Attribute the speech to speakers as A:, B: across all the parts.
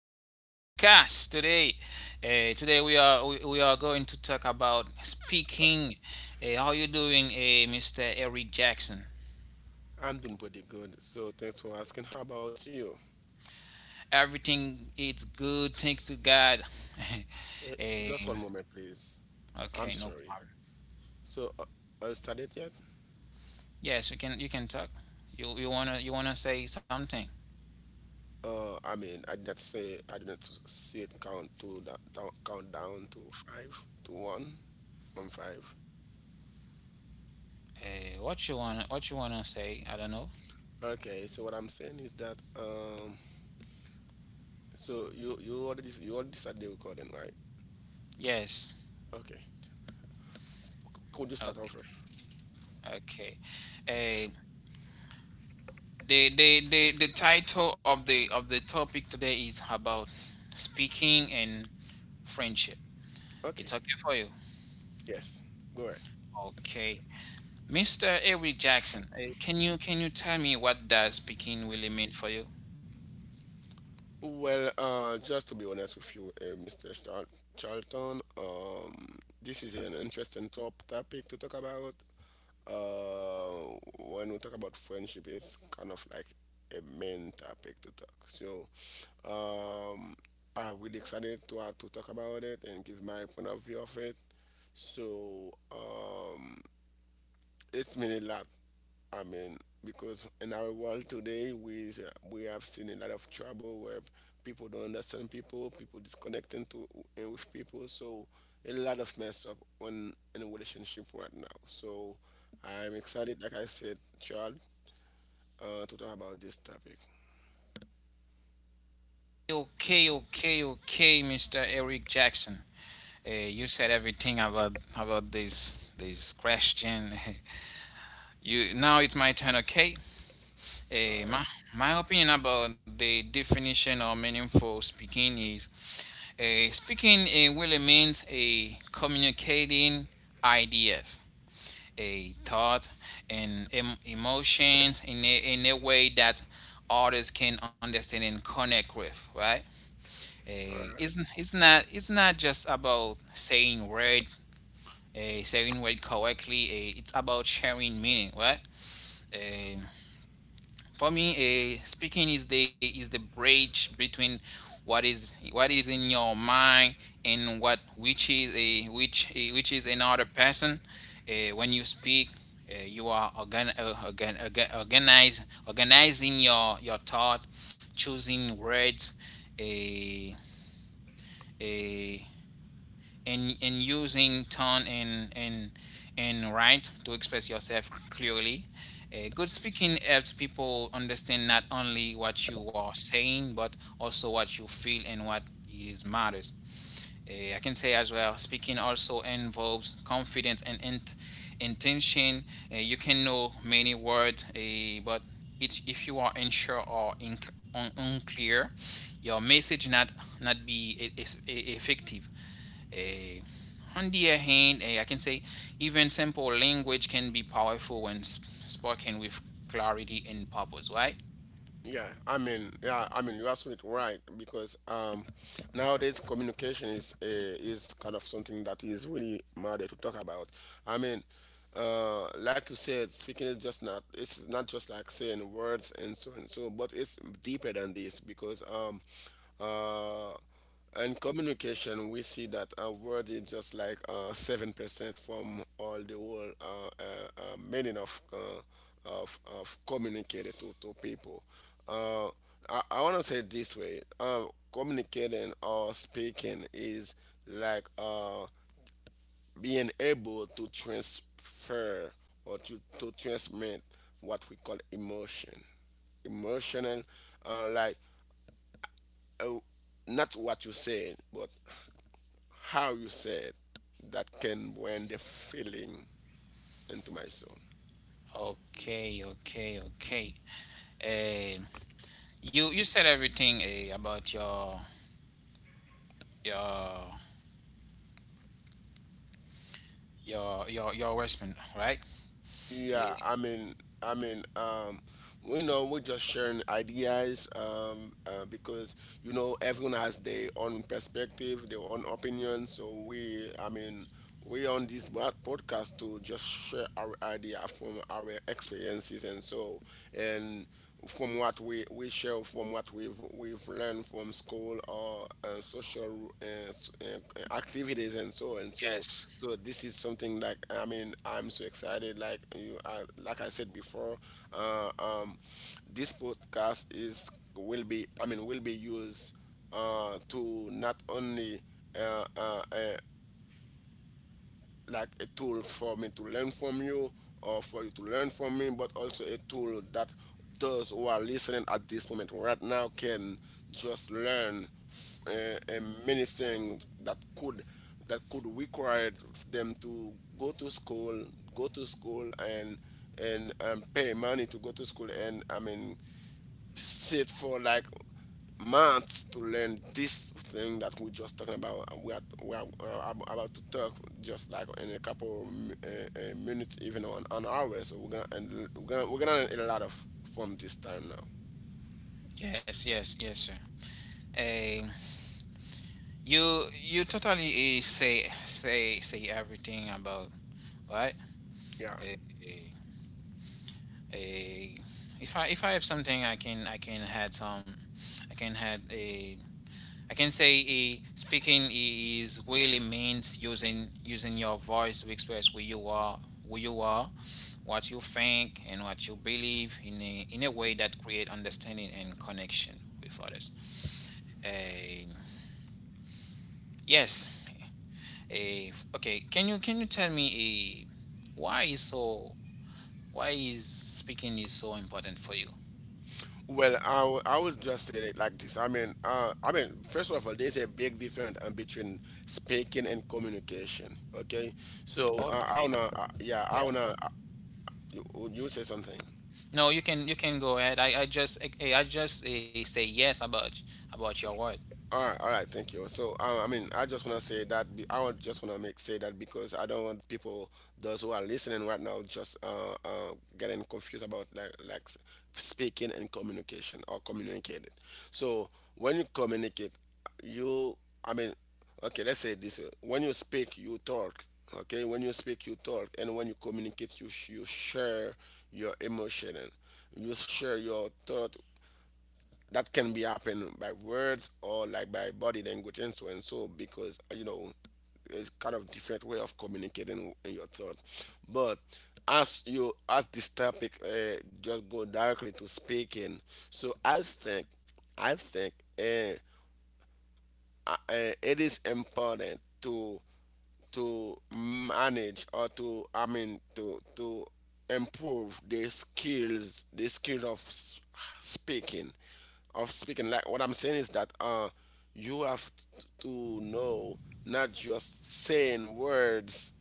A: the podcast today. Today we are we are going to talk about speaking. How you doing, Mr. Eric Jackson?
B: I'm doing pretty good, so thanks for asking. How about you?
A: Everything is good, thanks to God.
B: Uh,
A: Eh,
B: just one moment, please. I'm
A: okay, no
B: sorry.
A: problem.
B: So, started yet?
A: Yes, you can talk. You wanna say something?
B: I mean, I did not say I didn't see it count to that count down to five to one from five.
A: What you wanna say? I don't know.
B: Okay, so what I'm saying is that so you already started the recording, right?
A: Yes.
B: Okay, could you start
A: Okay.
B: over?
A: Okay. Uh, the title of the topic today is about speaking and friendship.
B: Okay,
A: It's okay for you.
B: yes, go ahead.
A: Okay. Mr. Eric Jackson, can you tell me what does speaking really mean for you?
B: Well, just to be honest with you, Mr. Charlton, this is an interesting topic to talk about. When we talk about friendship, it's kind of like a main topic to talk. So, um, I'm really excited to have to talk about it and give my point of view of it. So, it's mean a lot. I mean, because in our world today, we have seen a lot of trouble where people don't understand people, people disconnecting to and with people. So a lot of mess up on in a relationship right now. So I'm excited, like I said, Charles, to talk about this topic.
A: Okay, okay, okay, Mr. Eric Jackson. You said everything about this question. You now it's my turn, okay?
B: All
A: Eh,
B: right,
A: my, my opinion about the definition of meaningful speaking is speaking really means a communicating ideas, a thought, and emotions in in a way that others can understand and connect with, right?
B: all
A: Eh,
B: right.
A: it's, it's not it's not just about saying word, saying word correctly. It's about sharing meaning, right? Eh, for me, speaking is the bridge between what is in your mind and what which is a which eh, which is another person. When you speak, you are organizing your thought, choosing words, a and using tone and right to express yourself clearly. Good speaking helps people understand not only what you are saying but also what you feel and what is matters. I can say as well, speaking also involves confidence and intention. You can know many words, but if you are unsure or unclear, your message not be effective. A, on the other hand, I can say even simple language can be powerful when spoken with clarity and purpose, right?
B: Yeah, I mean, you're absolutely right because nowadays communication is kind of something that is really matter to talk about. I mean, like you said, speaking is just not just like saying words and so, but it's deeper than this because uh, and communication, we see that our word is just like 7% from all the whole meaning of communicating to people. Uh, I want to say it this way communicating or speaking is like being able to transfer or to transmit what we call emotional, uh, like uh, not what you said, but how you said that can bring the feeling into my soul.
A: Okay, okay, okay. Eh, you said everything about your your response, right? Eh,
B: Yeah, I mean, I mean, we know we're just sharing ideas because you know everyone has their own perspective, their own opinion. So we, I mean, we on this podcast to just share our idea from our experiences and so and from what we share from what we've learned from school or social activities and so and so.
A: yes,
B: So this is something that I mean I'm so excited like you like I said before, uh, um, this podcast is will be, I mean, will be used to not only uh, uh, uh, like a tool for me to learn from you or for you to learn from me, but also a tool that those who are listening at this moment right now can just learn many things that could require them to go to school, go to school, and pay money to go to school, and I mean sit for like months to learn this thing that we just talking about, we we are about to talk just like in a couple minutes, even on an hour. So we're gonna, and we're gonna learn a lot of from this time now.
A: yes, yes, yes, sir. Eh, you totally say everything about right.
B: Yeah,
A: Eh, a if I have something I can add some I can add a I can say a speaking is really means using your voice to express who you are what you think and what you believe in a way that create understanding and connection with others. A yes. A okay, can you tell me a why is so why is speaking is so important for you?
B: well, I would just say it like this. I mean, I mean, first of all, there's a big difference between speaking and communication. Okay, so I
A: Okay.
B: wanna yeah, I
A: Yes.
B: wanna, you, you say something.
A: No, you can go ahead. I just say yes about your word.
B: All right, thank you. So, I mean, I just want to say that I want just want to make say that because I don't want people, those who are listening right now, just getting confused about like speaking and communication or communicating. So, when you communicate, you, I mean, okay, let's say it this way: when you speak, you talk. Okay, when you speak, you talk, and when you communicate, you share your emotion and you share your thought. That can be happen by words or like by body language and so and so, because you know, it's kind of different way of communicating in your thought. But as you, as this topic just go directly to speaking, so I think uh, it is important to manage, or to, I mean, to improve the skill speaking, of speaking. Like what I'm saying is that you have to know, not just saying words,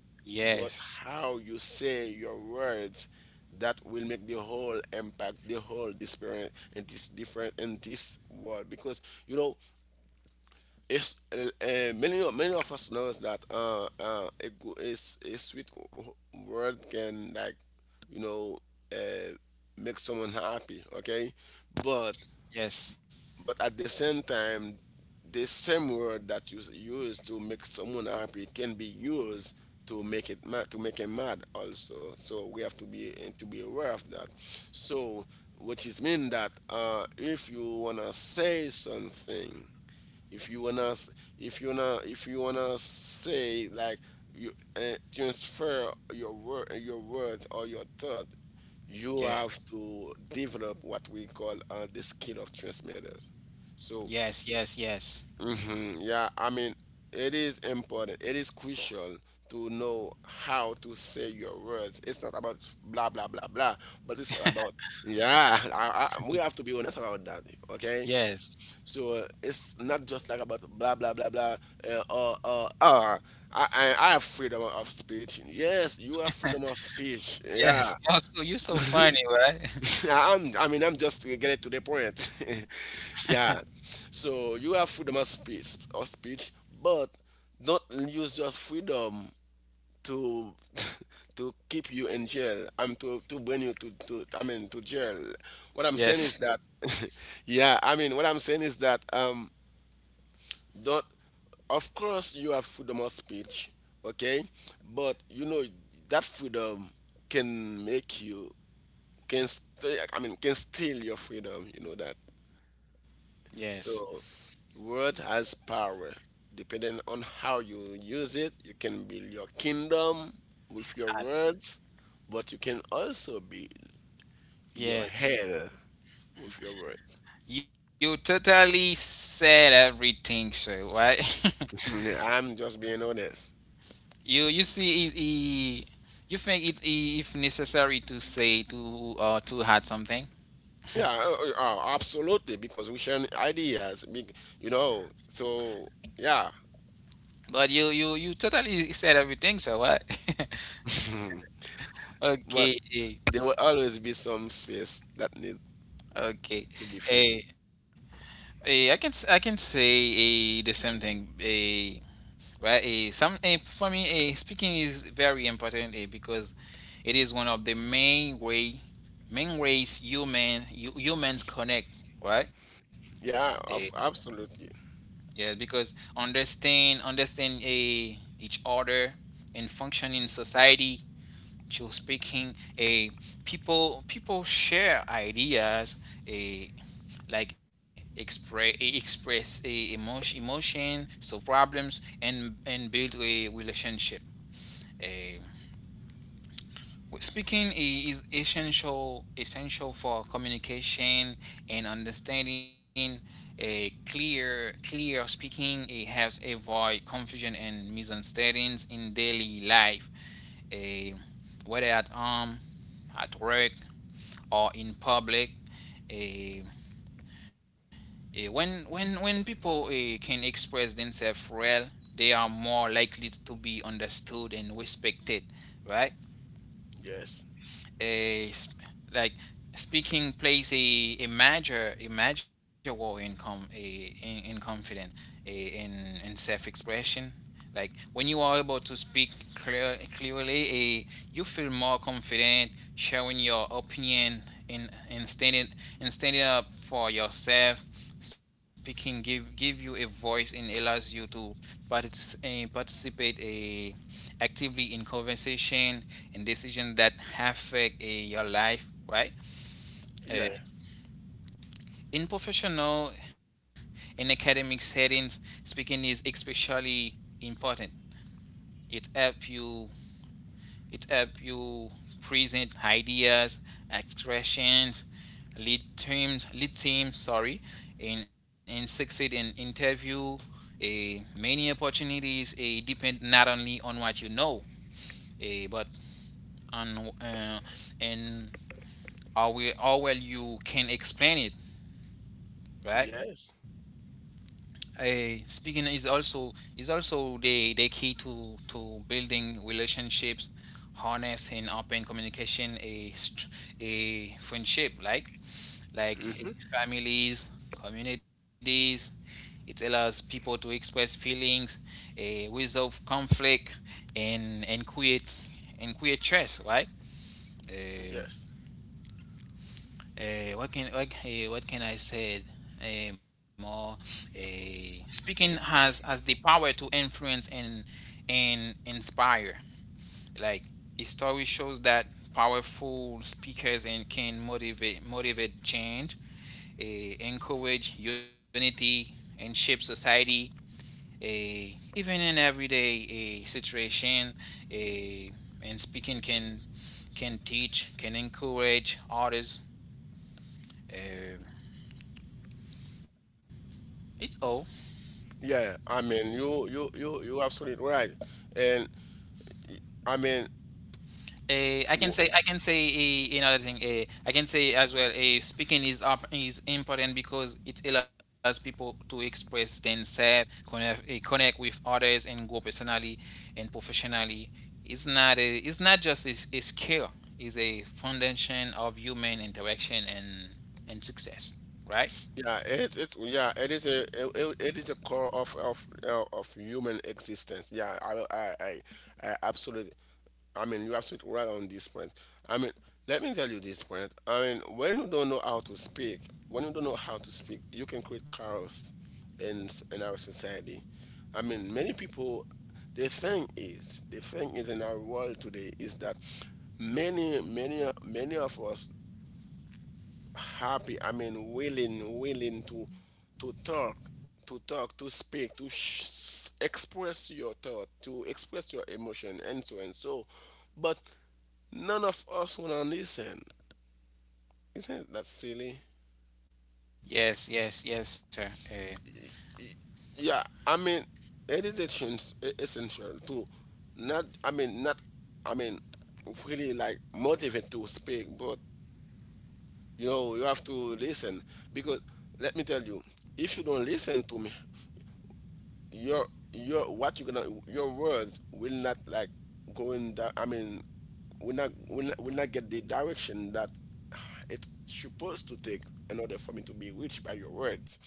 B: but
A: Yes,
B: how you say your words, that will make the whole impact, the whole different, and this different in this world. Because you know, it's many many of us knows that a, go- a, s- a sweet word can like, you know, uh, make someone happy. Okay, but
A: yes,
B: but at the same time, the same word that you use to make someone happy can be used to make him mad also. So we have to be and to be aware of that. So which is mean that if you wanna say something, if you wanna s- if you wanna, if you wanna say like, you transfer your word your words or your thought, you have
A: yes,
B: to develop what we call the skill of transmitters. So,
A: yes, yes, yes,
B: mhm, yeah, I mean, it is important, it is crucial to know how to say your words. It's not about blah blah blah blah, but it's all about, yeah, we have to be honest about that. Okay,
A: yes,
B: so it's not just like about blah blah blah blah. Uh, uh, uh, uh. I have freedom of speech. Yes, you have freedom of speech. Yeah,
A: yes. Oh, so you're so funny, right?
B: I mean, I'm just getting to the point. Yeah, so you have freedom of speech, but don't use your freedom to to keep you in jail. I'm To bring you to to. I mean, to jail. What I'm saying is
A: Yes,
B: that, yeah. I mean what I'm saying is that, don't, of course you have freedom of speech. Okay, but you know that freedom can make you, can stay I mean can steal your freedom, you know that.
A: yes,
B: So word has power. Depending on how you use it, you can build your kingdom with your
A: I-
B: words, but you can also build your hell
A: yes,
B: with your words.
A: You totally said everything, sir, right?
B: I'm just being honest.
A: You see it, it you think if necessary to say to or to add something,
B: Yeah, absolutely, because we share ideas, you know. So, yeah.
A: but you totally said everything, sir. What?
B: Mhm. But
A: Okay,
B: there will always be some space that need
A: okay.
B: to be filled.
A: Eh, I can say the same thing. Right? For me, speaking is very important because it is one of the main ways human humans connect. Right? Eh,
B: Yeah, of, absolutely.
A: yeah, because understand each other and function in society. Through speaking, people share ideas. eh, like express a emotion solve problems and build a relationship. Eh, speaking is essential for communication and understanding. A clear clear speaking, it helps avoid confusion and misunderstandings in daily life. A whether at home, at work, or in public, Eh, when people can express themselves well, they are more likely to be understood and respected, right?
B: Yes.
A: a sp- like speaking plays a major role in in confidence, a, in self-expression. Like when you are able to speak clearly, you feel more confident sharing your opinion in standing, and standing up for yourself. Speaking give you a voice and allows you to participate a actively in conversation and decisions that affect your life, right?
B: Yeah.
A: Uh, in professional and academic settings, speaking is especially important. It helps you. It helps you present ideas, expressions, lead teams. Sorry, and succeed in interview. Many opportunities depend not only on what you know, but on and Or well, how well you can explain it, right?
B: Yes.
A: Speaking is also the key to building relationships, harnessing open communication, a friendship, like
B: Hmm.
A: families, communities. It allows people to express feelings, a resolve conflict, and create trust, right? Uh,
B: Yes.
A: what can I say more? Speaking has the power to influence and inspire. Like history shows that powerful speakers and can motivate change, uh, encourage unity, and shape society. Even in everyday situation, uh, and speaking can teach, can encourage others. Uh, it's all.
B: Yeah. I mean, you absolutely right. And I mean,
A: I can say another thing. I can say as well. Speaking is important because it allows people to express themselves, connect with others, and grow personally and professionally. It's not just a skill. It's a foundation of human interaction and success. Right?
B: yeah, it's yeah, it is a, it is a core of human existence. Yeah, I absolutely. I mean, you're absolutely right on this point. I mean, let me tell you this point. I mean, when you don't know how to speak, when you don't know how to speak, you can create chaos in our society. I mean, many people. The thing is in our world today is that many of us happy, I mean willing to to talk talk to speak, express your thought, to express your emotion and so and so. But none of us want to listen. Isn't that silly?
A: Yes. Yes. Yes, sir. eh,
B: Yeah, I mean, it is essential to not, I mean, not, I mean, really like motivate to speak, but you know you have to listen. Because let me tell you, if you don't listen to me, your your, what you gonna, your words will not like go in that, I mean, will not, will not get the direction that it's supposed to take. In order for me to be reached by your words,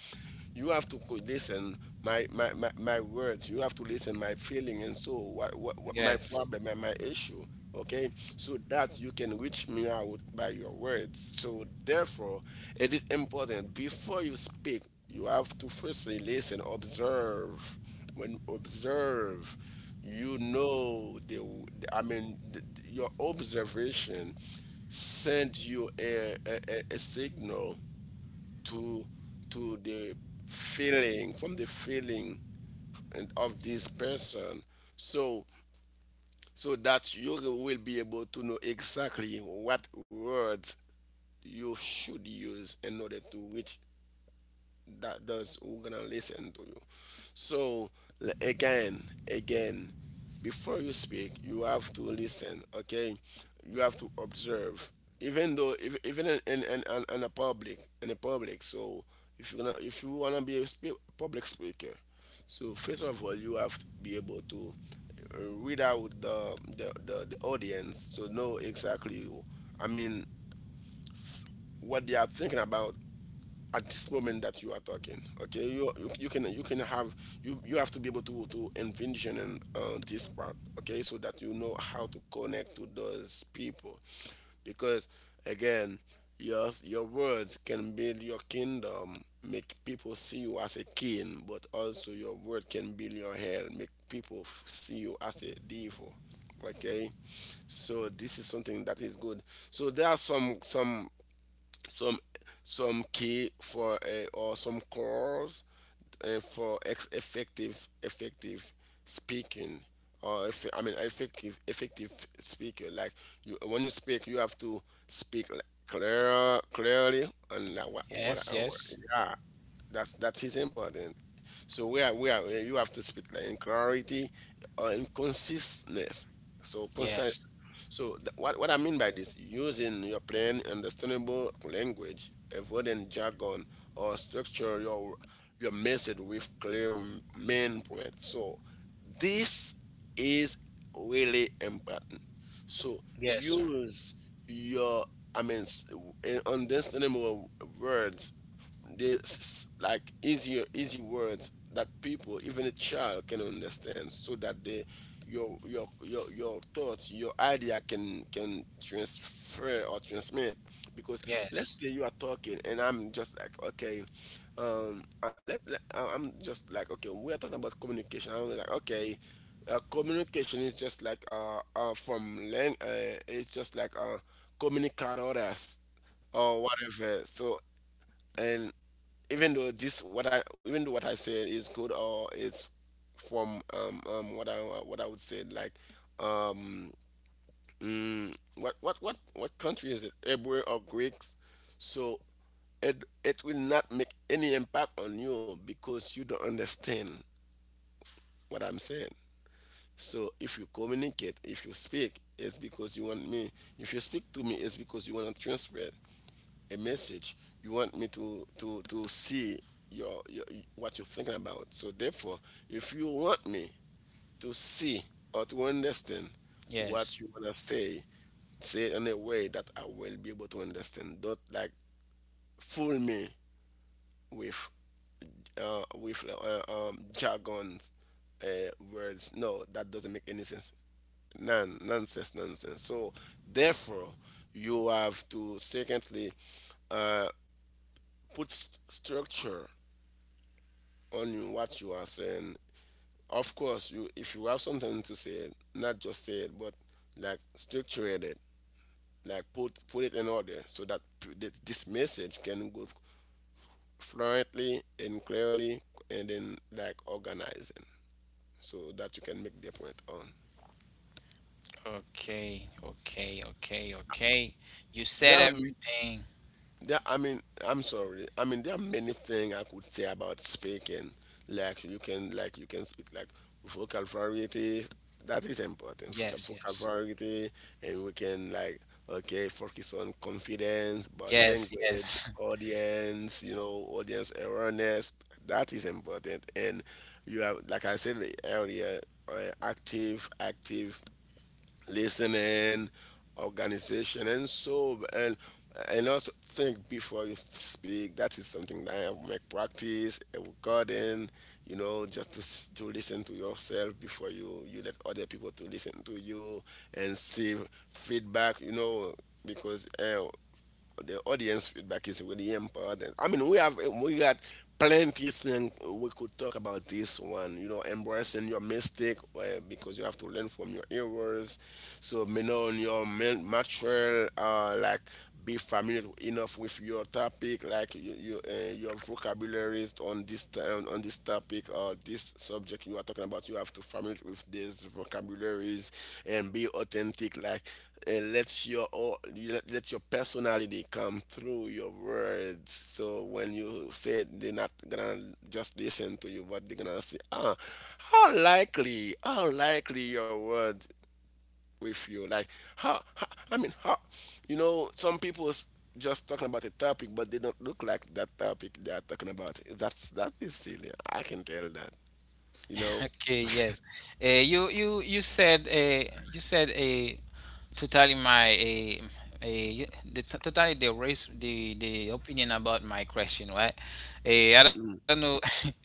B: you have to listen my my words. You have to listen my feeling and so what my
A: yes.
B: problem and my issue. Okay, so that you can reach me out by your words. So therefore, it is important, before you speak you have to firstly listen, observe. When you observe, you know I mean, your observation send you a signal to to the feeling, from the feeling and of this person. So so that you will be able to know exactly what words you should use in order to reach that those who gonna listen to you. So, again, again, before you speak, you have to listen. Okay, you have to observe. Even though, if, even in a public, in a public. So if you gonna, if you wanna be a public speaker, so first of all, you have to be able to read out the audience to know exactly. I mean, s- what they are thinking about at this moment that you are talking. Okay, you can have you you have to be able to envision this part. Okay, so that you know how to connect to those people. Because again, your words can build your kingdom, make people see you as a king, but also your word can build your hell, make people see you as a devil. Okay, so this is something that is good. So there are some some key for or some calls for effective effective speaking. Or if, I mean, effective speaker. Like you, when you speak, you have to speak like, clearly, and like what
A: Yes.
B: I want.
A: Yes.
B: Yeah, that is important. So we are you have to speak like in clarity or in consistence. So
A: Yes.
B: what I mean by this, using your plain, understandable language, avoiding jargon, or structure your message with clear main point. So this is really important. So
A: Yes, sir.
B: use your, I mean, s- understandable words, the like easier easy words that people, even a child, can understand, so that they your thoughts, your idea, can transfer or transmit. Because
A: Yes.
B: let's say you are talking and I'm just like, okay, um, I, let, let- I- I'm just like, okay, we are talking about communication, I'm like, okay, communication is just like from it's just like, uh, communicadores or whatever. So and even though this what I even though what I said is good, or it's from, what I would say, like, um, mm, what country is it, Hebrew or Greeks? So it will not make any impact on you because you don't understand what I'm saying. So if you communicate, if you speak it's because you want me if you speak to me, it's because you want to transfer it a message. You want me to see your what you're thinking about. So therefore, if you want me to see or to understand
A: Yes.
B: what you want to say, say it in a way that I will be able to understand. Don't like fool me with uh with uh, jargons, words. No, that doesn't make any sense. None, nonsense, nonsense. So therefore, you have to, secondly, uh, put structure on you what you are saying. Of course, you if you have something to say, not just say it, but like structure it, like put it in order, so that that this message can go fluently and clearly, and then like organizing, so that you can make the point on.
A: Okay, okay, okay, okay. You said
B: There are
A: everything.
B: I mean, I'm sorry. I mean, there are many things I could say about speaking. Like you can speak like vocal variety. That is important. The
A: Yes,
B: vocal
A: yes,
B: variety. And we can like, okay, focus on confidence, body
A: yes,
B: language,
A: yes.
B: audience. You know, audience awareness. That is important. And you have, like I said earlier, active listening, organization, and so and also think before you speak. That is something that I make practice a recording. You know, just to to listen to yourself before you let other people to listen to you and see feedback. You know, because, the audience feedback is really important. I mean, we got plenty of things we could talk about this one. You know, embracing your mistake, because you have to learn from your errors. So, you know, your material, like be familiar enough with your topic. Like your vocabularies on this time on this topic or this subject you are talking about, you have to familiar with these vocabularies. And be authentic. Like, let your let your personality come through your words. So when you say it, they're not gonna just listen to you, but they're gonna say, ah, how likely your words with you. Like how I mean how, you know, some people is just talking about a topic but they don't look like that topic they are talking about. That is silly. I can tell that, you know.
A: Okay, yes. You said totally my totally the race the opinion about my question, right? I don't know.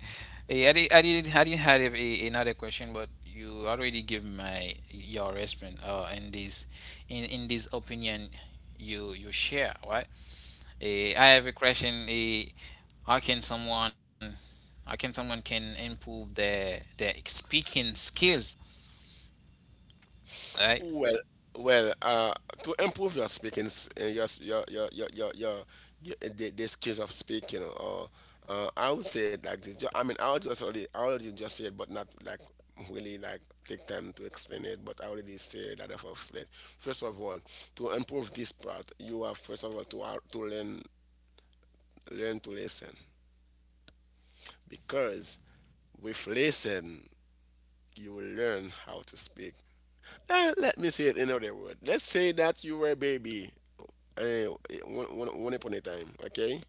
A: I did have another question, but you already give my your response in this opinion you share, right? I have a question. How can someone can improve their speaking skills? Right?
B: Well, well, uh, to improve your speaking, s- your s- your the skills of speaking. Or, I would say it like this. I mean, I already just said, but not like really like take time to explain it. But I already said that of it. First of all, to improve this part, you have, first of all, to, uh, learn to listen, because with listen, you will learn how to speak. Eh, let me say it another word. Let's say that you were a baby, uh, one upon a time, okay?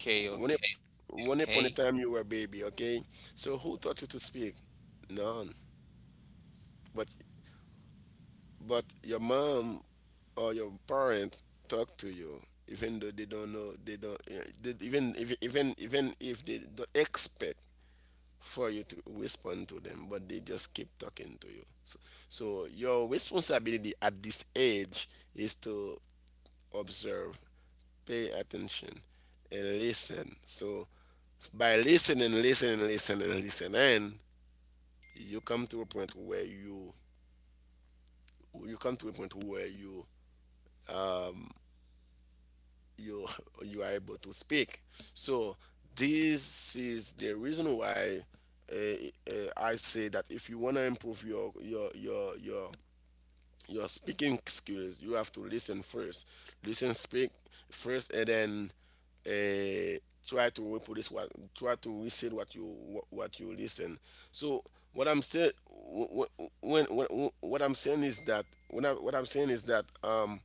A: Okay,
B: One, up-
A: okay, okay.
B: One upon a time you were a baby, okay? So who taught you to speak? None. But but your mom or your parent talk to you, even though they don't know, they don't, eh, they, even if they don't expect for you to respond to them, but they just keep talking to you. So, so your responsibility at this age is to observe, pay attention, and listen. So by listening, listening, listening, and listening, you come to a point where you you come to a point where you you are able to speak. So this is the reason why, uh, I say that if you want to improve your speaking skills, you have to listen first. Listen, speak first, and then, uh, try to reproduce what, try to recite what you, what you listen. So what I'm saying, when what I'm saying is that when I, what I'm saying is that, um,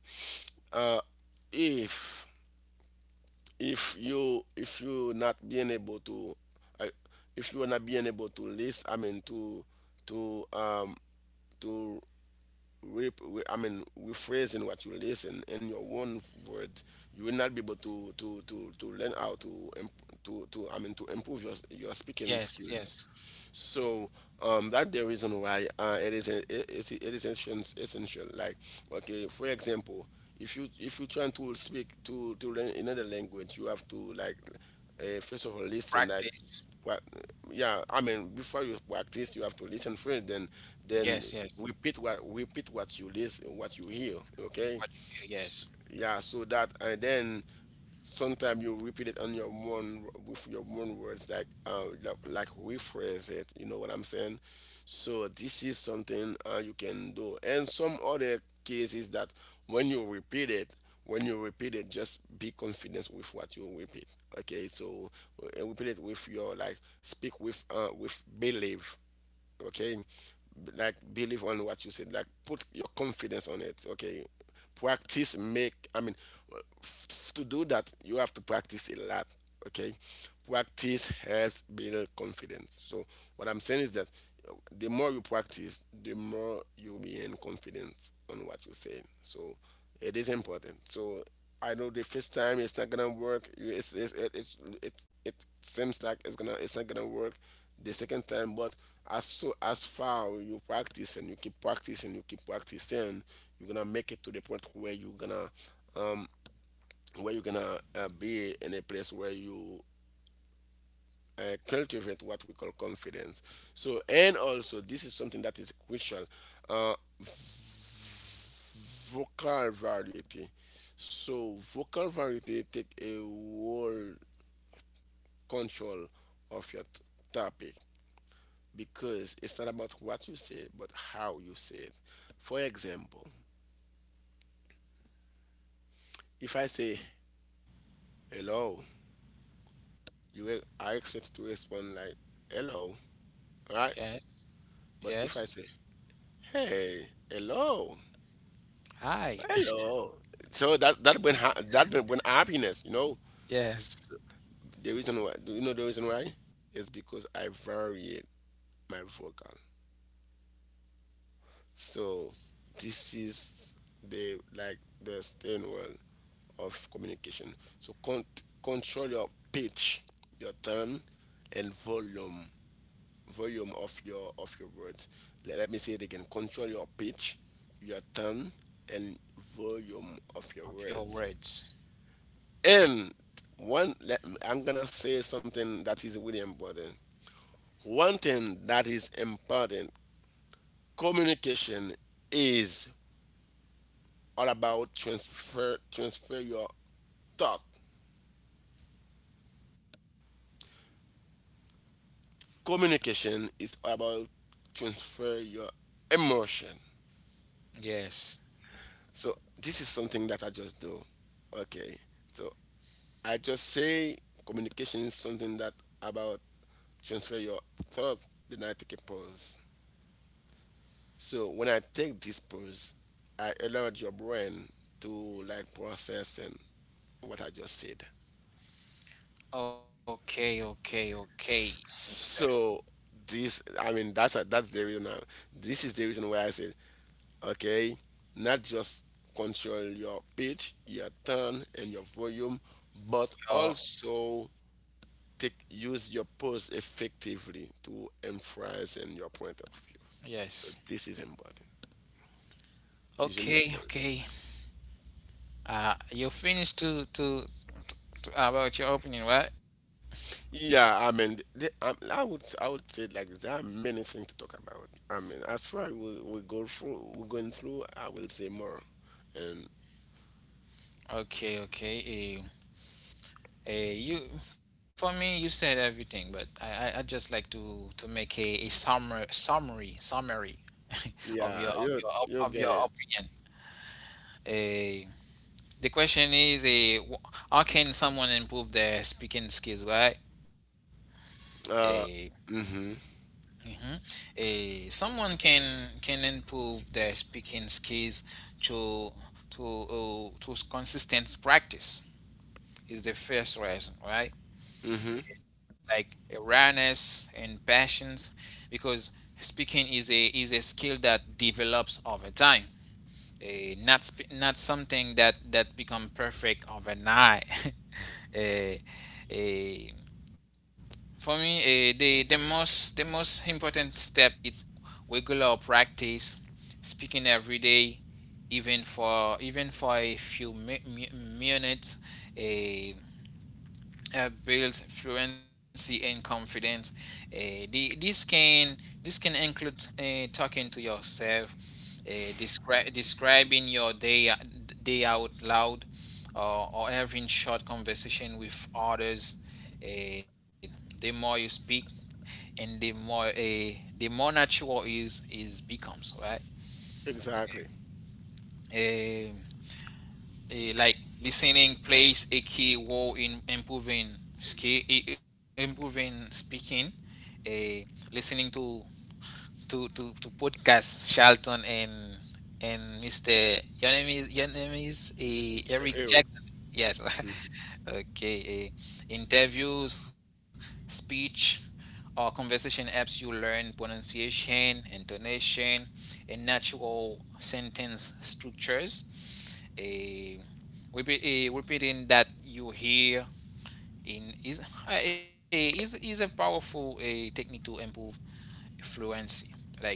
B: uh, if, if you not being able to, I if you are not being able to list I mean to, um, to I mean, rephrasing what you listen in your own words, you will not be able to learn how to I mean to improve your your
A: Yes,
B: speaking
A: yes.
B: skills. So, that the reason why, it is it is it is essential. Essential. Like, okay, for example, if you trying to speak, to learn another language, you have to like, first of all, listen,
A: Practice.
B: like, what. Yeah, I mean, before you practice, you have to listen first, then
A: Yes,
B: then
A: yes.
B: repeat what, repeat what you listen, what you hear.
A: What
B: Okay.
A: you hear?
B: S-
A: Yes,
B: yeah, so that, and then sometimes you repeat it on your own with your own words, like, like rephrase it. You know what I'm saying. So this is something, you can do. And some other cases that when you repeat it when you repeat it, just be confident with what you repeat. Okay, so, repeat it with your, like, speak with belief. Okay, like, believe on what you said, like, put your confidence on it. Okay, practice make I mean f- to do that, you have to practice a lot. Okay, practice helps build confidence. So what I'm saying is that, the more you practice, the more you gain confidence on what you say. So it is important. So I know the first time it's not gonna work. It's, it seems like it's not gonna work the second time. But as, so, as far you practice and you keep practicing, you're gonna make it to the point where you're gonna, um, be in a place where you, cultivate what we call confidence. So and also this is something that is crucial. Uh, vocal variety. So vocal variety take a whole control of your topic, because it's not about what you say but how you say it. For example, if I say hello, you will- are expected to respond like hello, right?
A: yes,
B: But if I
A: yes.
B: say, hey, hello,
A: Hi.
B: hello, so that bring bring happiness, you know.
A: Yes.
B: So, the reason why, do you know the reason why? It's because I variate my vocal. So this is the, like, the stairwell of communication. So control your pitch, your tone, and volume, volume of your words. Let, let me say it again. Control your pitch, your tone, and volume of your
A: Of your
B: words.
A: words.
B: And one, let, I'm gonna say something that is really important. One thing that is important, communication is all about transfer your thought. Communication is all about transfer your emotion.
A: Yes.
B: So this is something that I just do. Okay. So I just say communication is something that about transfer your thought, then I take a pause. So when I take this pills, I allowed your brain to like process and what I just said.
A: Okay, okay, okay. Mister.
B: So this, that's a, that's the reason. This is the reason why I said, okay, not just control your pitch, your tone, and your volume, but
A: Your
B: also take use your pose effectively to emphasize in your point of views. So
A: yes.
B: this is important using your
A: Okay,
B: pose.
A: okay. You finished to about your opening, right?
B: Yeah, I would I would say like this. There are many things to talk about. I mean, as far as we go through, we're going through, I will say more. And
A: Okay, okay. Eh. Eh, you for me, you said everything, but I just like to make a summary.
B: yeah, you you'll
A: Of
B: get
A: your
B: it.
A: opinion. Eh, the question is a how can someone improve their speaking skills, right? Eh,
B: Uh, mm-hmm,
A: mhm. Someone can improve their speaking skills to to to consistent practice is the first reason, right?
B: mm-hmm,
A: Like awareness and passions, because speaking is a skill that develops over time. Not something that become perfect overnight. Eh, eh, for me, the most important step is regular practice, speaking every day, even for a few minutes, eh, builds fluency and confidence. The, this can include talking to yourself, uh, describing your day out loud, or having short conversation with others. Uh, the more you speak, and the more natural is becomes, right.
B: exactly.
A: Um, like listening plays a key role in improving skill, improving speaking, uh, listening to podcast, Shelton, and Mr. your name is Eric
B: Eric.
A: Jackson. Yes.
B: Hmm.
A: Okay. Interviews, speech, or conversation helps you learn pronunciation, intonation, and natural sentence structures. A repeating that you hear in is is a powerful a technique to improve fluency. Like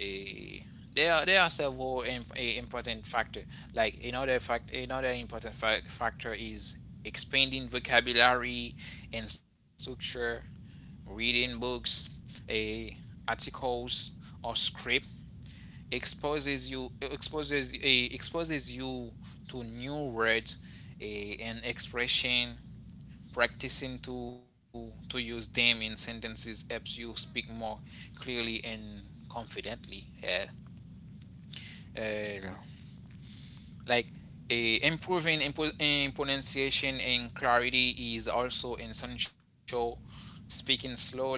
A: eh, there are several important factor. Like another important factor is expanding vocabulary and structure, reading books, eh, articles, or script exposes you to new words, and expression. Practicing to use them in sentences helps you speak more clearly and confidently. Yeah. Uh, like uh, improving in pronunciation and clarity is also essential. Speaking slowly,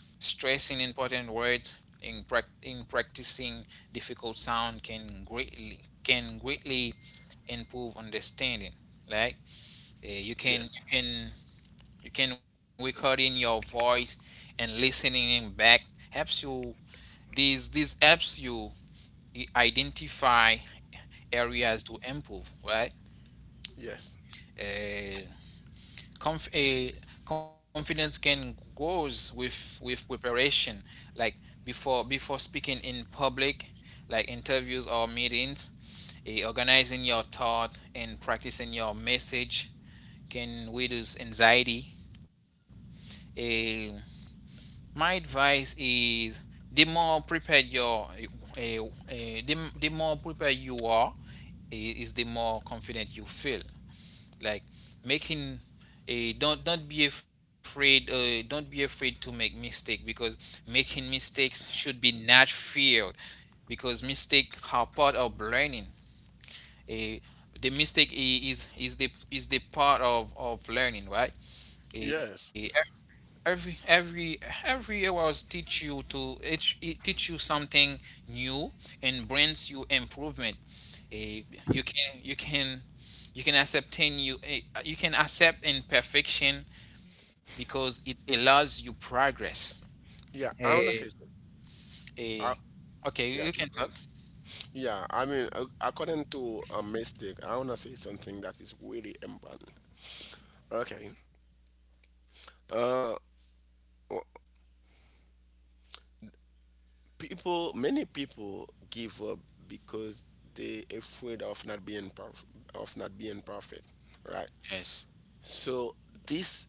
A: stressing important words, in practicing difficult sound can greatly improve understanding. Like uh, you
B: Yes,
A: can you can You can record in your voice and listening in back helps you. These helps you identify areas to improve. Right?
B: yes,
A: Uh, conf- a confidence can grows with preparation. Like before speaking in public, like interviews or meetings, organizing your thought and practicing your message can reduce anxiety. Uh, my advice is the more prepared your the more prepared you are is the more confident you feel. Like making a Don't be afraid, don't be afraid to make mistake, because making mistakes should be not feared, because mistake are part of learning. A The mistake is the part of learning, right? Eh,
B: yes.
A: every every hours teach you to it teach you something new and brings you improvement. Eh, you can you can you can accept in you eh, you can accept imperfection because it allows you progress.
B: Yeah, I
A: A
B: wanna say something. I,
A: a Okay,
B: yeah,
A: you can
B: keep
A: talk.
B: going. Yeah, I mean, according to a mistake, I wanna say something that is really important. Okay. Uh, people many people give up because they afraid of not being perf- of not being perfect, right?
A: Yes,
B: So this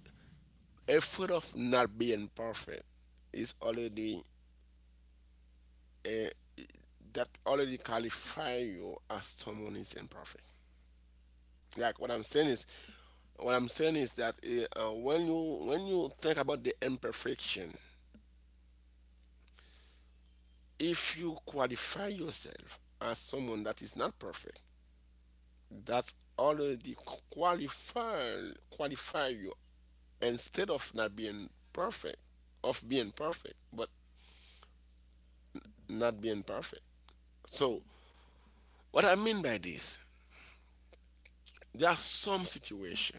B: afraid of not being perfect is already a, that already qualify you as someone is imperfect. Like what I'm saying is what I'm saying is that when you think about the imperfection, if you qualify yourself as someone that is not perfect, that's already qualify you, instead of not being perfect, of being perfect but not being perfect. So what I mean by this, there are some situation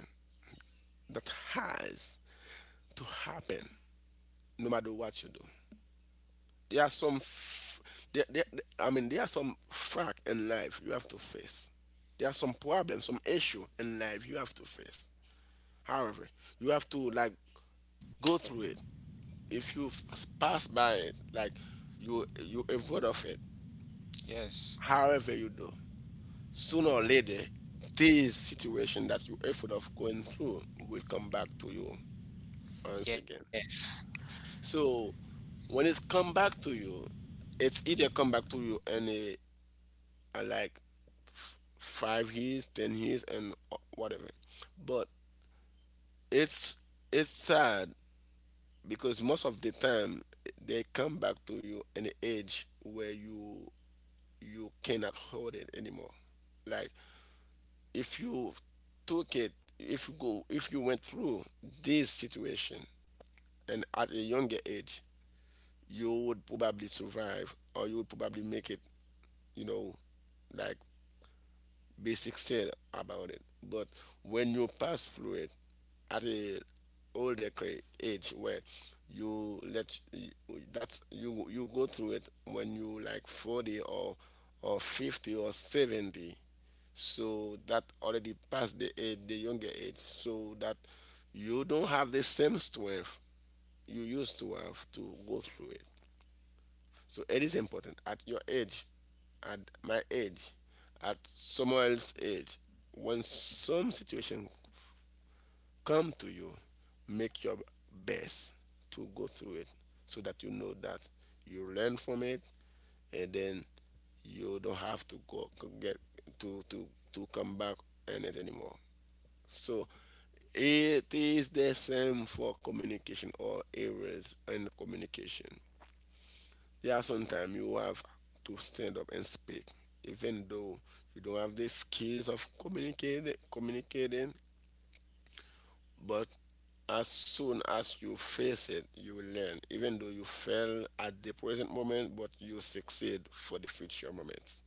B: that has to happen no matter what you do. There are some f- there, I mean there are some fact in life you have to face. There are some problems, some issue in life you have to face. However, you have to like go through it. If you pass by it, like you avoid of it,
A: yes,
B: however you do, sooner or later, this situation that you avoid of going through will come back to you once again.
A: yes,
B: So when it's come back to you, it's either come back to you in a like 5 years, 10 years, and whatever. But it's it's sad because most of the time they come back to you in the age where you cannot hold it anymore. Like if you took it, if you go, if you went through this situation and at a younger age, you would probably survive or you would probably make it, you know, like basic sense about it. But when you pass through it at a older age where you let that's you you go through it when you like 40 or 50 or 70, so that already past the age, the younger age, so that you don't have the same strength you used to have to go through it. So it is important at your age, at my age, at someone else's age. When some situation come to you, make your best to go through it, so that you know that you learn from it, and then you don't have to go go get to to to come back and it anymore. So it is the same for communication or errors in communication. Yeah, sometimes you have to stand up and speak, even though you don't have the skills of communicating, but as soon as you face it, you learn. Even though you fail at the present moment, but you succeed for the future moments.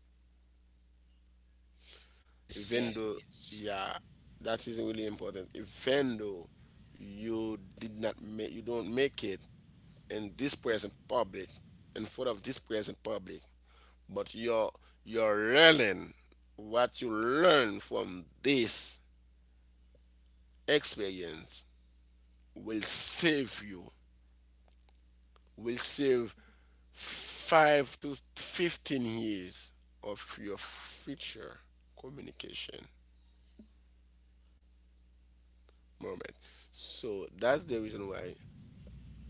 A: yes,
B: Even though,
A: yes, yes,
B: yeah, that is really important. Even though you did not make, you don't make it in this present public, in front of this present public, but you're learning. What you learn from this experience will save you will save 5 to 15 years of your future communication moment. So that's the reason why,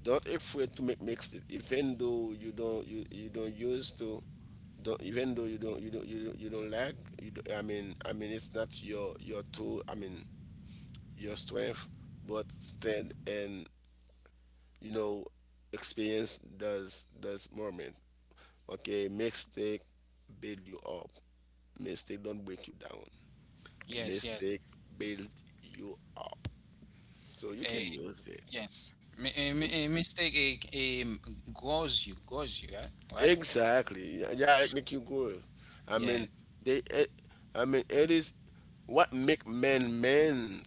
B: don't afraid to make mix it, even though you don't you don't use to don't, even though you don't like you don't, I mean it's not your tool, I mean your strength, but stand and you know experience does moment. Okay, mistake build you up. Mistake don't break you down.
A: yes, yes.
B: Mistake build you up. So you
A: Eh,
B: can use it. to-
A: Mistake, grows you, right? Right?
B: Exactly. Yeah, yeah, it make you good. I
A: Yeah.
B: mean, they. eh, I mean, it is what make men men.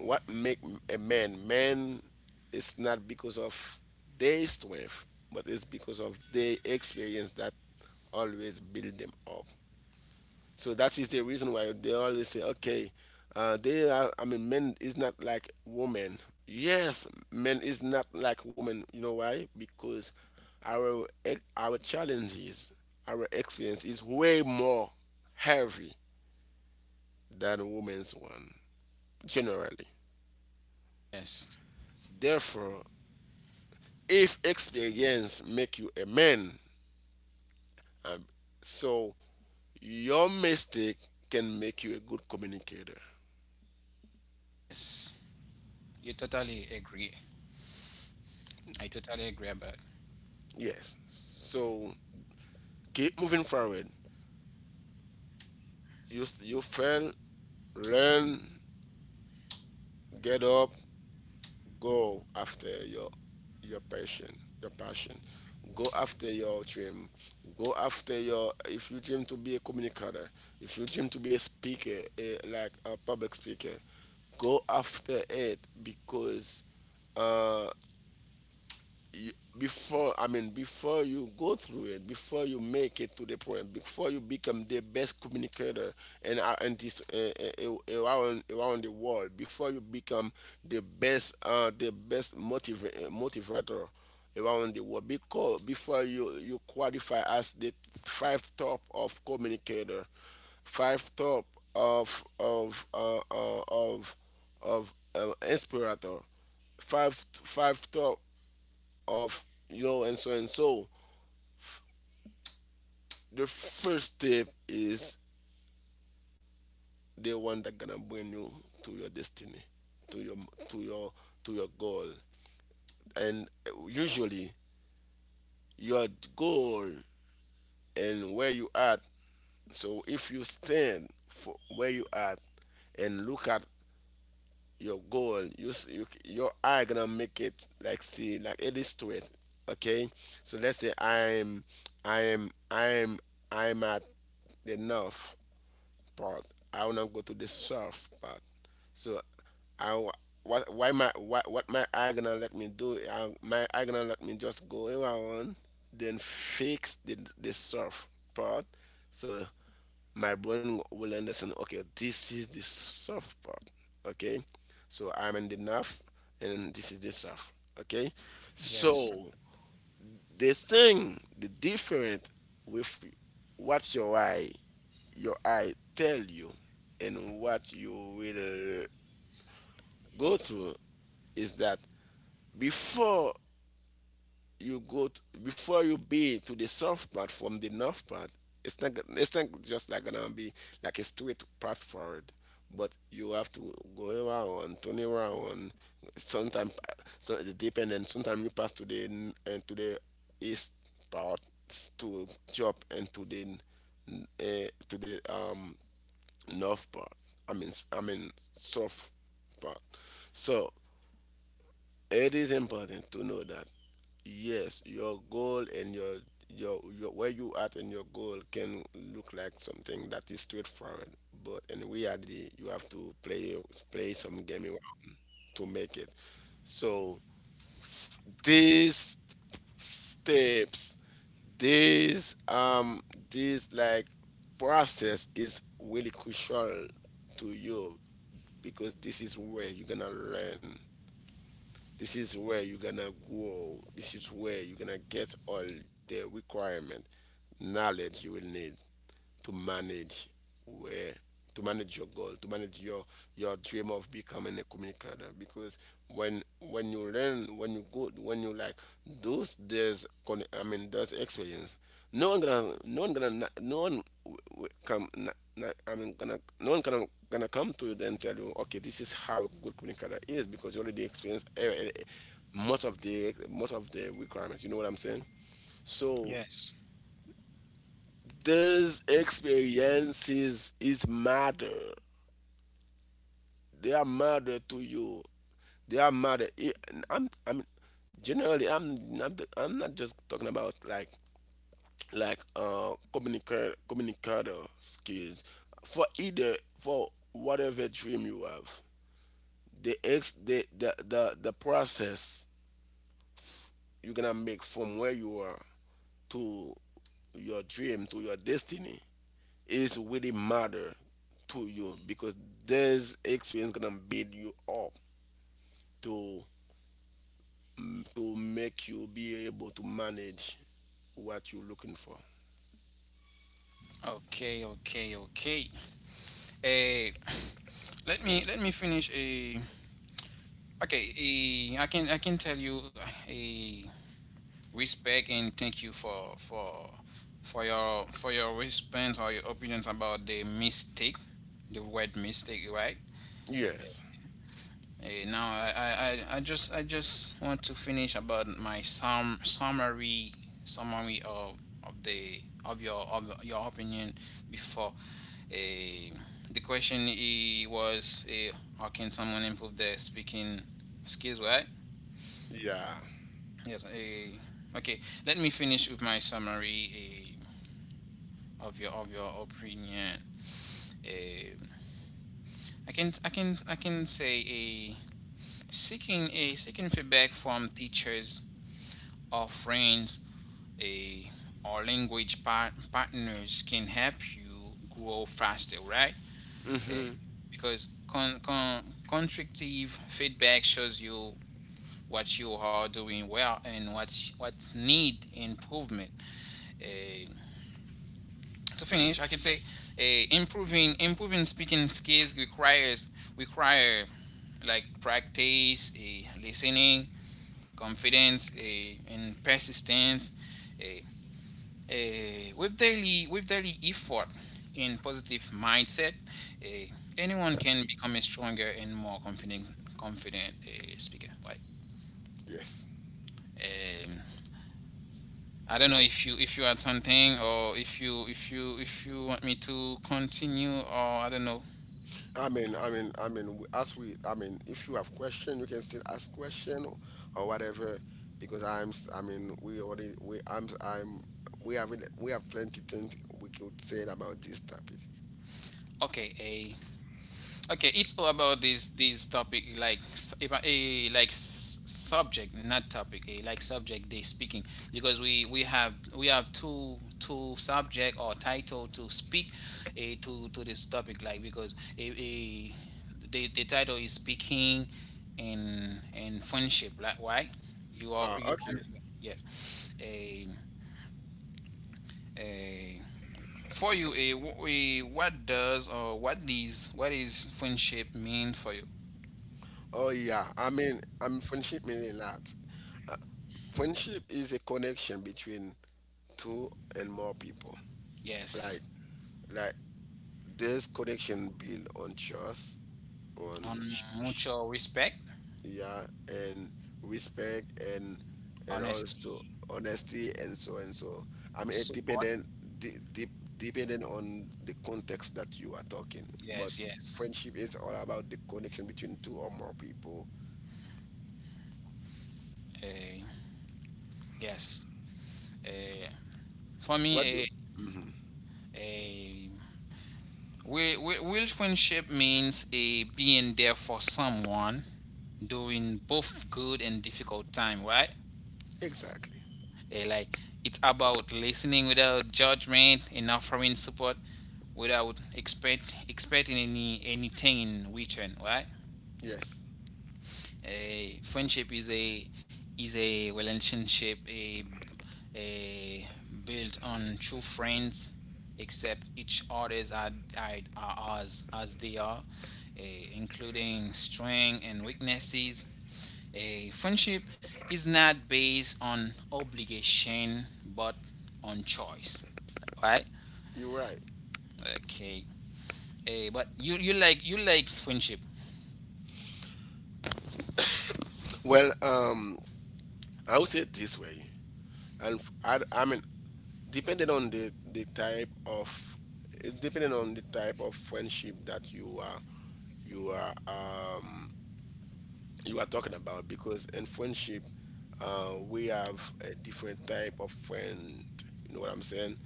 B: What make a man man is not because of their strength, but it's because of their experience that always build them up. So that is the reason why they always say, okay, they are I mean men is not like women. Yes, men is not like women. You know why? Because our challenges, our experience is way more heavy than women's one generally.
A: Yes.
B: Therefore, if experience make you a man, um, so your mistake can make you a good communicator.
A: Yes. You totally agree. I totally agree about.
B: Yes, so keep moving forward. You you fail, learn, get up, go after your passion, your passion. Go after your dream. Go after your, if you dream to be a communicator, if you dream to be a speaker a, like a public speaker, go after it, because you, before, I mean before you go through it, before you make it to the point, before you become the best communicator and this around around the world, before you become the best motivator around the world. Because before you, you qualify as the five top of communicator, five top of inspirator, five five top of, you know, and so and so. The first step is the one that gonna bring you to your destiny, to your to your to your goal. And usually your goal and where you at. So if you stand for where you at and look at your goal, your eye gonna make it like see, like illustrate. Okay, so let's say i'm i'm I'm at the north part. I will not go to the soft part. So I w- what why my what my eye gonna let me do? My eye gonna let me just go where I want, then fix the soft part. So my brain will understand. Okay, this is the soft part. Okay, so I'm in the north, and this is the south. Okay,
A: Yes.
B: so the thing the different with what your eye tell you and what you will go through is that before you go t before you be to the soft part from the north part, it's not just like gonna be like a straight path forward, but you have to go around, turn around sometimes. So it depends, and sometimes you pass to the east part, to jump and to the n- eh, to the um north part, I mean south part. So it is important to know that yes, your goal and your your where you at and your goal can look like something that is straightforward, but in reality, you have to play some game around to make it. So these steps, this this like process is really crucial to you, because this is where you're gonna learn, this is where you're gonna grow. This is where you're gonna get all the requirement, knowledge you will need to manage where, to manage your goal, to manage your dream of becoming a communicator. Because when you learn, when you go, when you like those there's con- I mean those experience, no one gonna no one gonna na- no one w- w- come na, na, I mean gonna no one gonna gonna come to you and tell you, okay, this is how a good communicator is, because you already experienced most of the requirements. You know what I'm saying? So
A: Yes.
B: these experiences is matter. They are matter to you. They are matter. I'm generally I'm not just talking about like communicator skills, for either for whatever dream you have. The ex the process you're gonna make from where you are to your dream, to your destiny, is really matter to you, because this experience gonna build you up to to make you be able to manage what you're looking for.
A: Okay. Okay. Okay. Eh. Let me finish a. Okay. I can tell you a respect and thank you for your for your response or your opinions about the mistake, the word mistake, right?
B: Yes.
A: Hey, now I just want to finish about my summary, summary of the of your opinion before, eh, the question was, how can someone improve their speaking skills, right?
B: Yeah.
A: Yes. Okay Let me finish with my summary, of your opinion. Eh, I can say a seeking a seeking feedback from teachers or friends a or language partners can help you grow faster, right? Eh,
B: Mm-hmm.
A: because constructive feedback shows you what you are doing well and what need improvement. Eh, to finish, I can say improving speaking skills require like practice, listening, confidence, and persistence. Eh, with daily effort and positive mindset, anyone can become a stronger and more confident, speaker. Right.
B: Yes.
A: Um, I don't know if you, had something, or if you, if you want me to continue, or I don't know.
B: I mean, as I mean, if you have question, you can still ask question, or whatever, because I mean, we already, we, I'm, we have, we have plenty things we could say about this topic.
A: Okay. Okay, it's all about this topic. Like, s- if I- a like s- subject, not topic, a like subject they speaking, because we have two, two subject or title to speak a to this topic. Like, because, a eh, the title is speaking and friendship. Like, why you are, you are,
B: Okay.
A: yes. A For you, a, wh- a what does or what is, what is friendship mean for you?
B: Oh yeah, friendship meaning that. Uh, friendship is a connection between two and more people. Like,
A: Yes.
B: like this connection build on trust,
A: On
B: on
A: mucho respect,
B: yeah, and respect, and also
A: honesty,
B: honesty, and so and so. I mean, it
A: support.
B: dependent, de- de- depending on the context that you are talking. But
A: Yes, yes.
B: friendship is all about the connection between two or more people.
A: Eh, yes. Eh, for me,
B: What? Do
A: a real friendship means a being there for someone during both good and difficult time, right?
B: Exactly.
A: Like, it's about listening without judgment and offering support without expecting anything in return, right?
B: Yes,
A: a Friendship is a, is a relationship, a built on true friends accept each other's as as they are, including strength and weaknesses. A Friendship is not based on obligation but on choice, right?
B: you're right.
A: Okay. But you, you like friendship?
B: Well, I would say it this way, and I mean, depending on the type of, it depending on the type of friendship that you are, you are, um, you are talking about, because in friendship, we have a different type of friend. You know what I'm saying?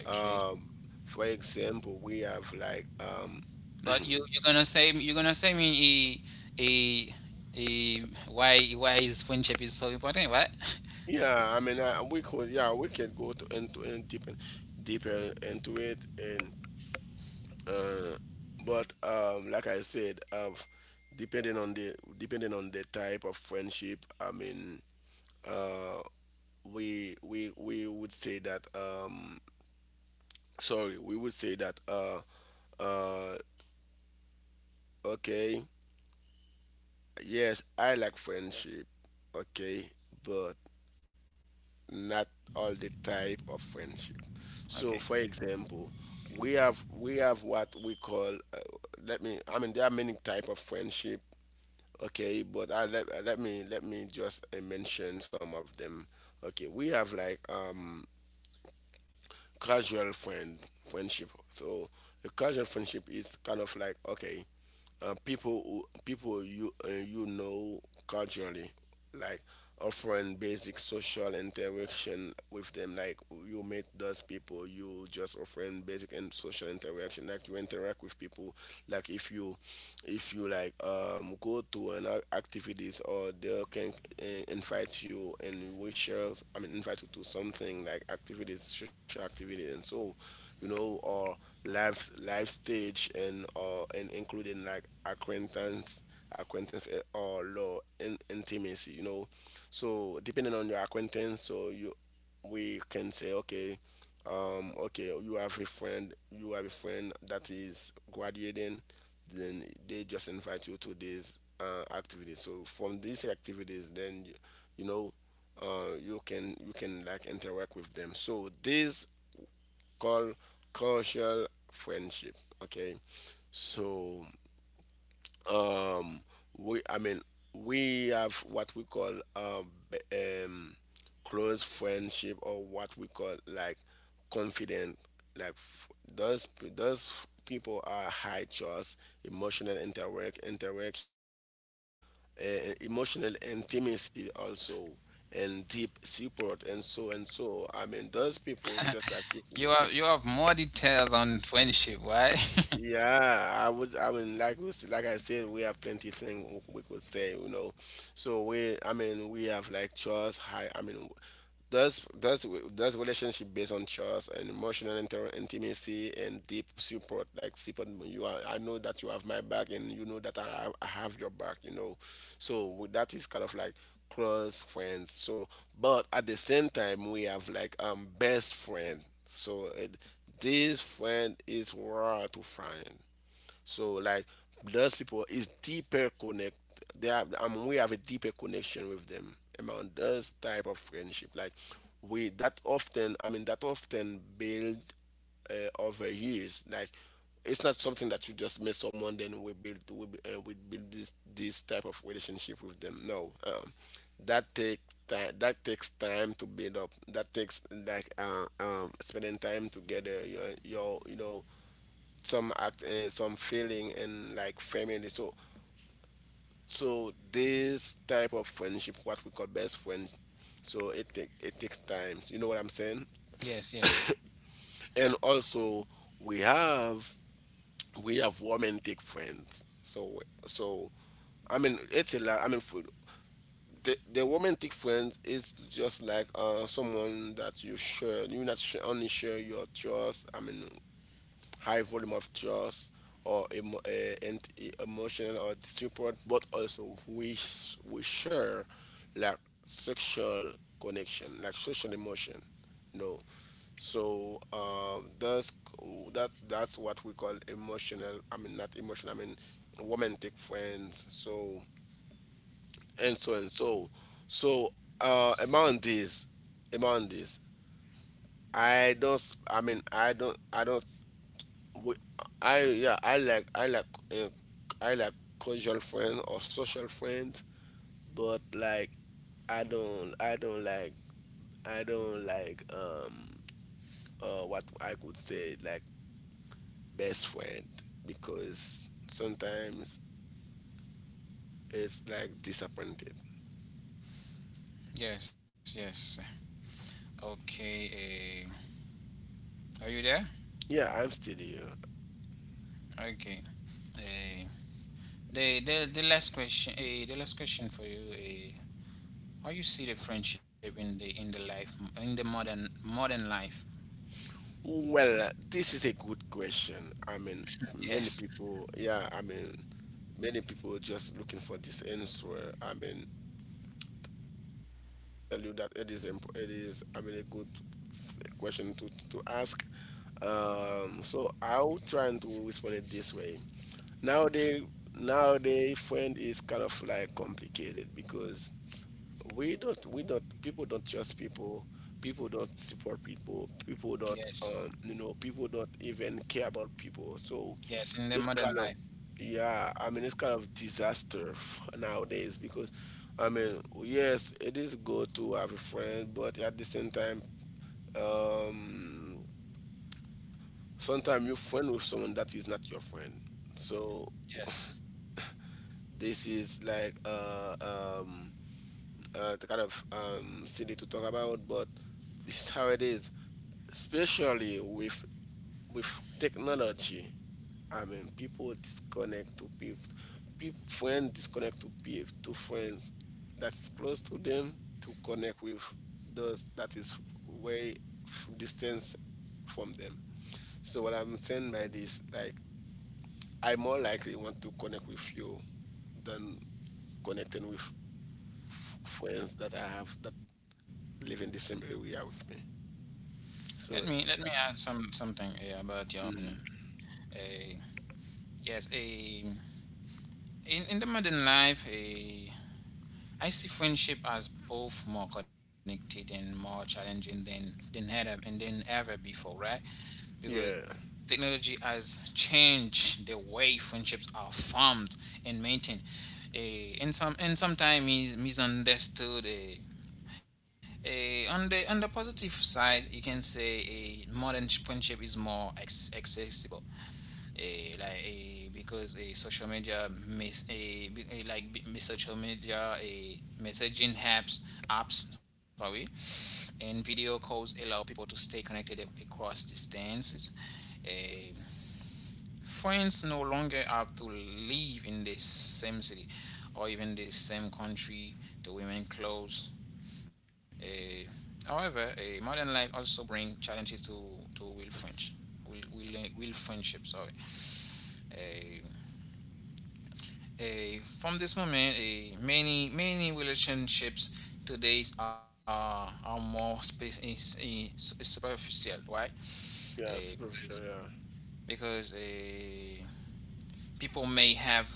A: Okay.
B: Um, for example, we have like
A: But you're gonna say me, a a a why is friendship is so important? What?
B: We could, yeah, we can go to end deep deeper into it, and uh, but like I said, depending on the type of friendship, I mean, we would say that sorry, we would say that uh, okay, yes, I like friendship, okay, but not all the type of friendship. So, for
A: Okay.
B: example, we have what we call. Let me. I mean, there are many type of friendship. Okay, but I let let me just mention some of them. Okay, we have like casual friendship. So a casual friendship is kind of like okay people who, people you you know culturally, like offering basic social interaction with them. Like you meet those people, you just offering basic and social interaction. Like you interact with people. Like if you like go to an activities or they can invite you and we share. I mean invite you to something like activities, social activities, and so you know or live stage and or and including like acquaintance or low in, intimacy you know so depending on your acquaintance so you we can say okay okay you have a friend that is graduating then they just invite you to these activities so from these activities then you know you can like interact with them so these called cultural friendship. Okay, so um, we I mean we have what we call close friendship or what we call like confident like those those people are high trust emotional interaction like emotional intimacy also and deep support and so I mean those people just like you.
A: You have more details on friendship, right?
B: Yeah, I was. I mean, like we, like I said, we have plenty of things we could say, you know. So we, I mean, we have like trust. High, I mean, does does does relationship based on trust and emotional intimacy and deep support. Like support, you are. I know that you have my back, and you know that I have your back. You know, so with that is kind of like close friends. So, but at the same time, we have like best friend. So it this friend is worth to find. So like those people is deeper connect. They have, I mean, we have a deeper connection with them among those type of friendship. Like we that often, I mean, that often build over years. Like it's not something that you just meet someone then we build this type of relationship with them. No, that take time. That takes time to build up. That takes like spending time together. Your you know some act some feeling and like family so so this type of friendship what we call best friends so it takes time you know what I'm saying.
A: Yes, yes,
B: And also we have we have romantic friends so so I mean it's a lot I mean for the romantic friend is just like someone that you share you not share, only share your trust I mean high volume of trust or emotional or support, but also we share like sexual connection, like social emotion. No, so that's what we call emotional. I mean not emotional. I mean romantic friends. So and so and so. So uh, among these, among these, I mean I don't. I don't we, I yeah, uh, I like casual friend or social friend, but like I don't I don't like I don't like what I could say like best friend because sometimes it's like disappointed.
A: yes, yes. Okay. Uh, are you there?
B: Yeah, I'm still here.
A: Okay. Uh, the, the last question. The last question for you. How you see the friendship in the, life, in the modern life?
B: Well, this is a good question. I mean,
A: Yes,
B: many people, yeah, I mean, many people just looking for this answer. I mean, just to tell you that it is it is I mean a good question to ask. So I'll try to respond it this way. Nowadays, nowadays friend is kind of like complicated because we don't people don't trust people, people don't support people, people don't
A: yes,
B: you know people don't even care about people so
A: yes. In the
B: it's
A: modern
B: kind
A: life.
B: of yeah I mean it's kind of disaster nowadays because I mean yes it is good to have a friend but at the same time um sometimes you're friend with someone that is not your friend so
A: Yes.
B: this is like um the kind of silly to talk about, but this is how it is, especially with technology. I mean, people disconnect to people, people friends disconnect to people to friends that's close to them to connect with those that is way distance from them. So what I'm saying by this, like, I more likely want to connect with you than connecting with friends that I have that live in the same area with me.
A: Let me
B: So
A: let me add some something, about your opinion. Eh, yes, in the modern life, I see friendship as both more connected and more challenging than ever and than ever before, right? Because
B: yeah,
A: technology has changed the way friendships are formed and maintained. And some and sometimes is misunderstood. On the, on the positive side, you can say a modern friendship is more accessible, social media, miss eh, be- eh, like be- miss social media, messaging apps, sorry, and video calls allow people to stay connected across distances. Eh, Friends no longer have to live in the same city or even the same country to remain close. Eh, however, modern life also bring challenges to real friends, will friendship, sorry. Eh, from this moment, many relationships today are more space is superficial, right?
B: yeah,
A: Eh, because
B: superficial. Yeah,
A: because people may have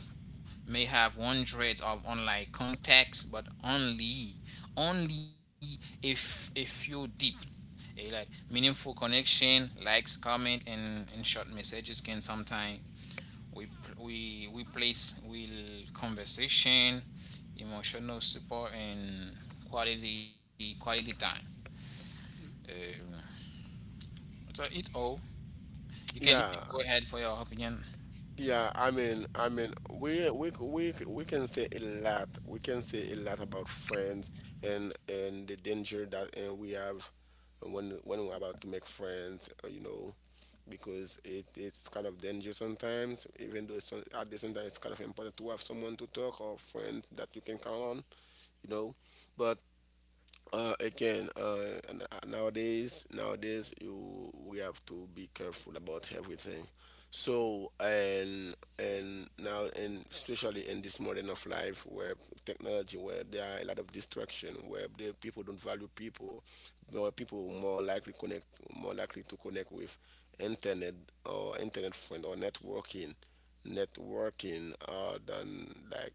A: may have hundreds of online contacts, but only, only if a few deep. Like, meaningful connection, likes, comment, and short messages can sometimes we we place will conversation, emotional support, and quality time. Um, so it's all. You
B: yeah,
A: can go ahead for your opinion.
B: yeah. I mean, we can say a lot. We can say a lot about friends and the danger that and we have when we're about to make friends. You know, because it it's kind of dangerous sometimes. Even though it's, at the same time it's kind of important to have someone to talk or friend that you can count on. You know, but Again, nowadays, nowadays you we have to be careful about everything. So and now and especially in this modern of life where technology, where there are a lot of distraction, where the people don't value people, where people more likely connect, more likely to connect with internet or internet friend or networking, networking, than like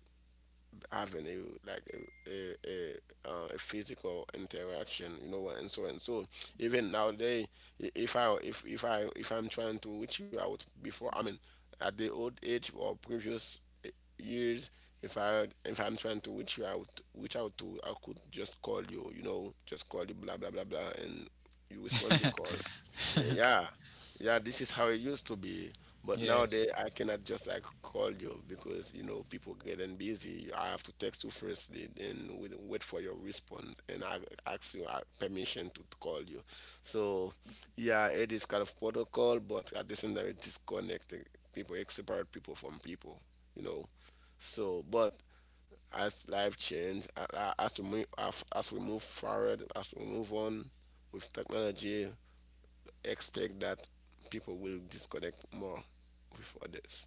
B: having a like a physical interaction, you know, and so and so. Even nowadays, I- if I if I'm trying to reach you out before, I mean, at the old age or previous years, if I'm trying to reach you out, reach out to, I could just call you, you know, just call you, blah blah blah blah, and you respond the call. Yeah, yeah, yeah, this is how it used to be. But nowadays,
A: Yes,
B: I cannot just like call you because you know people getting busy. I have to text you first, then wait for your response, and I ask you permission to call you. So, yeah, it is kind of protocol, but at the same time, it disconnecting people, it separate people from people, you know. So, but as life change, as we move, as we move forward, as we move on with technology, expect that people will disconnect more with others.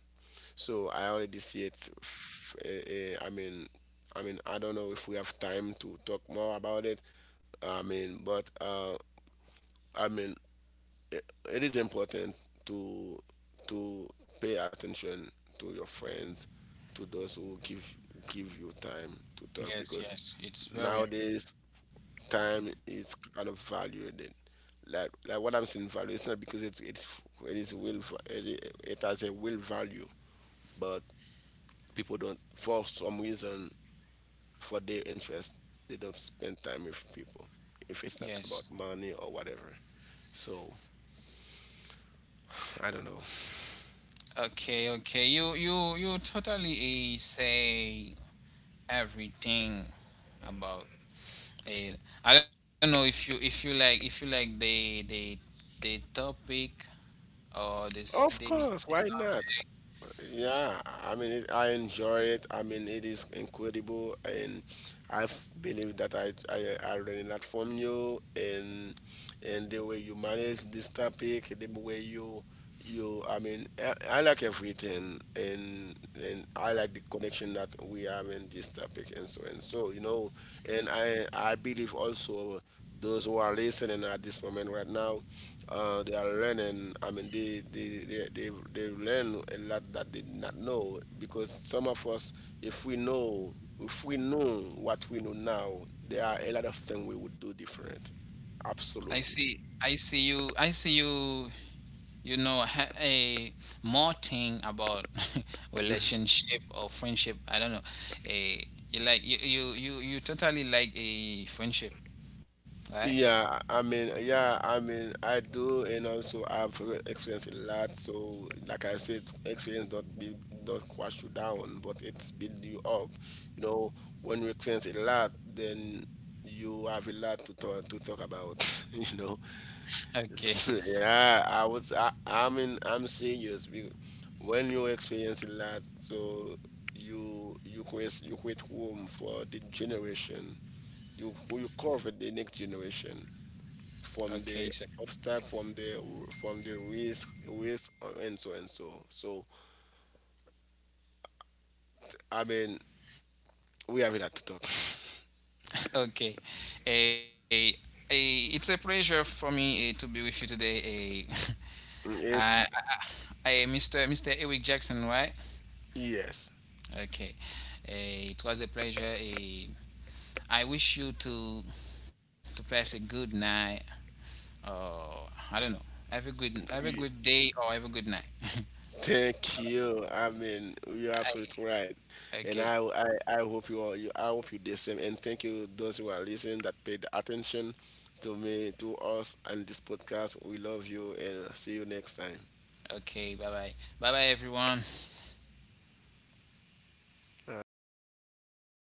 B: So I already see it. I don't know if we have time to talk more about it. I mean, but I mean, it, it is important to to pay attention to your friends, to those who give give you time to talk
A: yes,
B: because
A: yes. It's very
B: nowadays time is kind of valued. Like what I'm saying value, it's not because it is it, it has a will value, but people don't for some reason for their interest they don't spend time with people if it's
A: yes.
B: not about money or whatever. So I don't know.
A: Okay, okay. You totally, say everything about it. I don't know if you, if you like the topic or this
B: Of course,
A: the
B: why not?
A: subject.
B: Yeah, I mean, it, I enjoy it. I mean, it is incredible, and I believe that I learned a lot from you, and the way you manage this topic, the way you I like everything and I like the connection that we have in this topic and so you know and I believe also those who are listening at this moment right now they are learning I mean they learn a lot that they did not know because some of us if we know if we know what we know now there are a lot of things we would do different.
A: I
B: Absolutely.
A: see. I see you. I see you. You know, ha- a more thing about relationship or friendship. I don't know. A You like, you totally like a friendship, right?
B: Yeah, I mean, I do, and also I've experienced a lot. So, like I said, experience don't crush you down, but it's build you up. You know, when you experience a lot, then you have a lot to talk about. You know,
A: Okay.
B: so, yeah, I mean, I'm serious. When you experience a lot, so you you create room for the generation. You cover the next generation from
A: Okay,
B: the
A: sir.
B: obstacle from the risk and so so I mean we have it at talk.
A: Okay. A a it's a pleasure for me, to be with you today. A
B: Yes
A: Uh, I, Mr. Eric Jackson, right?
B: yes.
A: Okay. It was a pleasure. I wish you to pass a good night, or I don't know. Have a
B: Y-
A: good day, or have a good night.
B: Thank you I mean you're absolutely
A: I,
B: right and
A: okay.
B: I hope you all you I hope you the same and thank you those who are listening that paid attention to me to us and this podcast we love you and see you next time.
A: Okay. Bye bye. Bye bye everyone.
B: All right.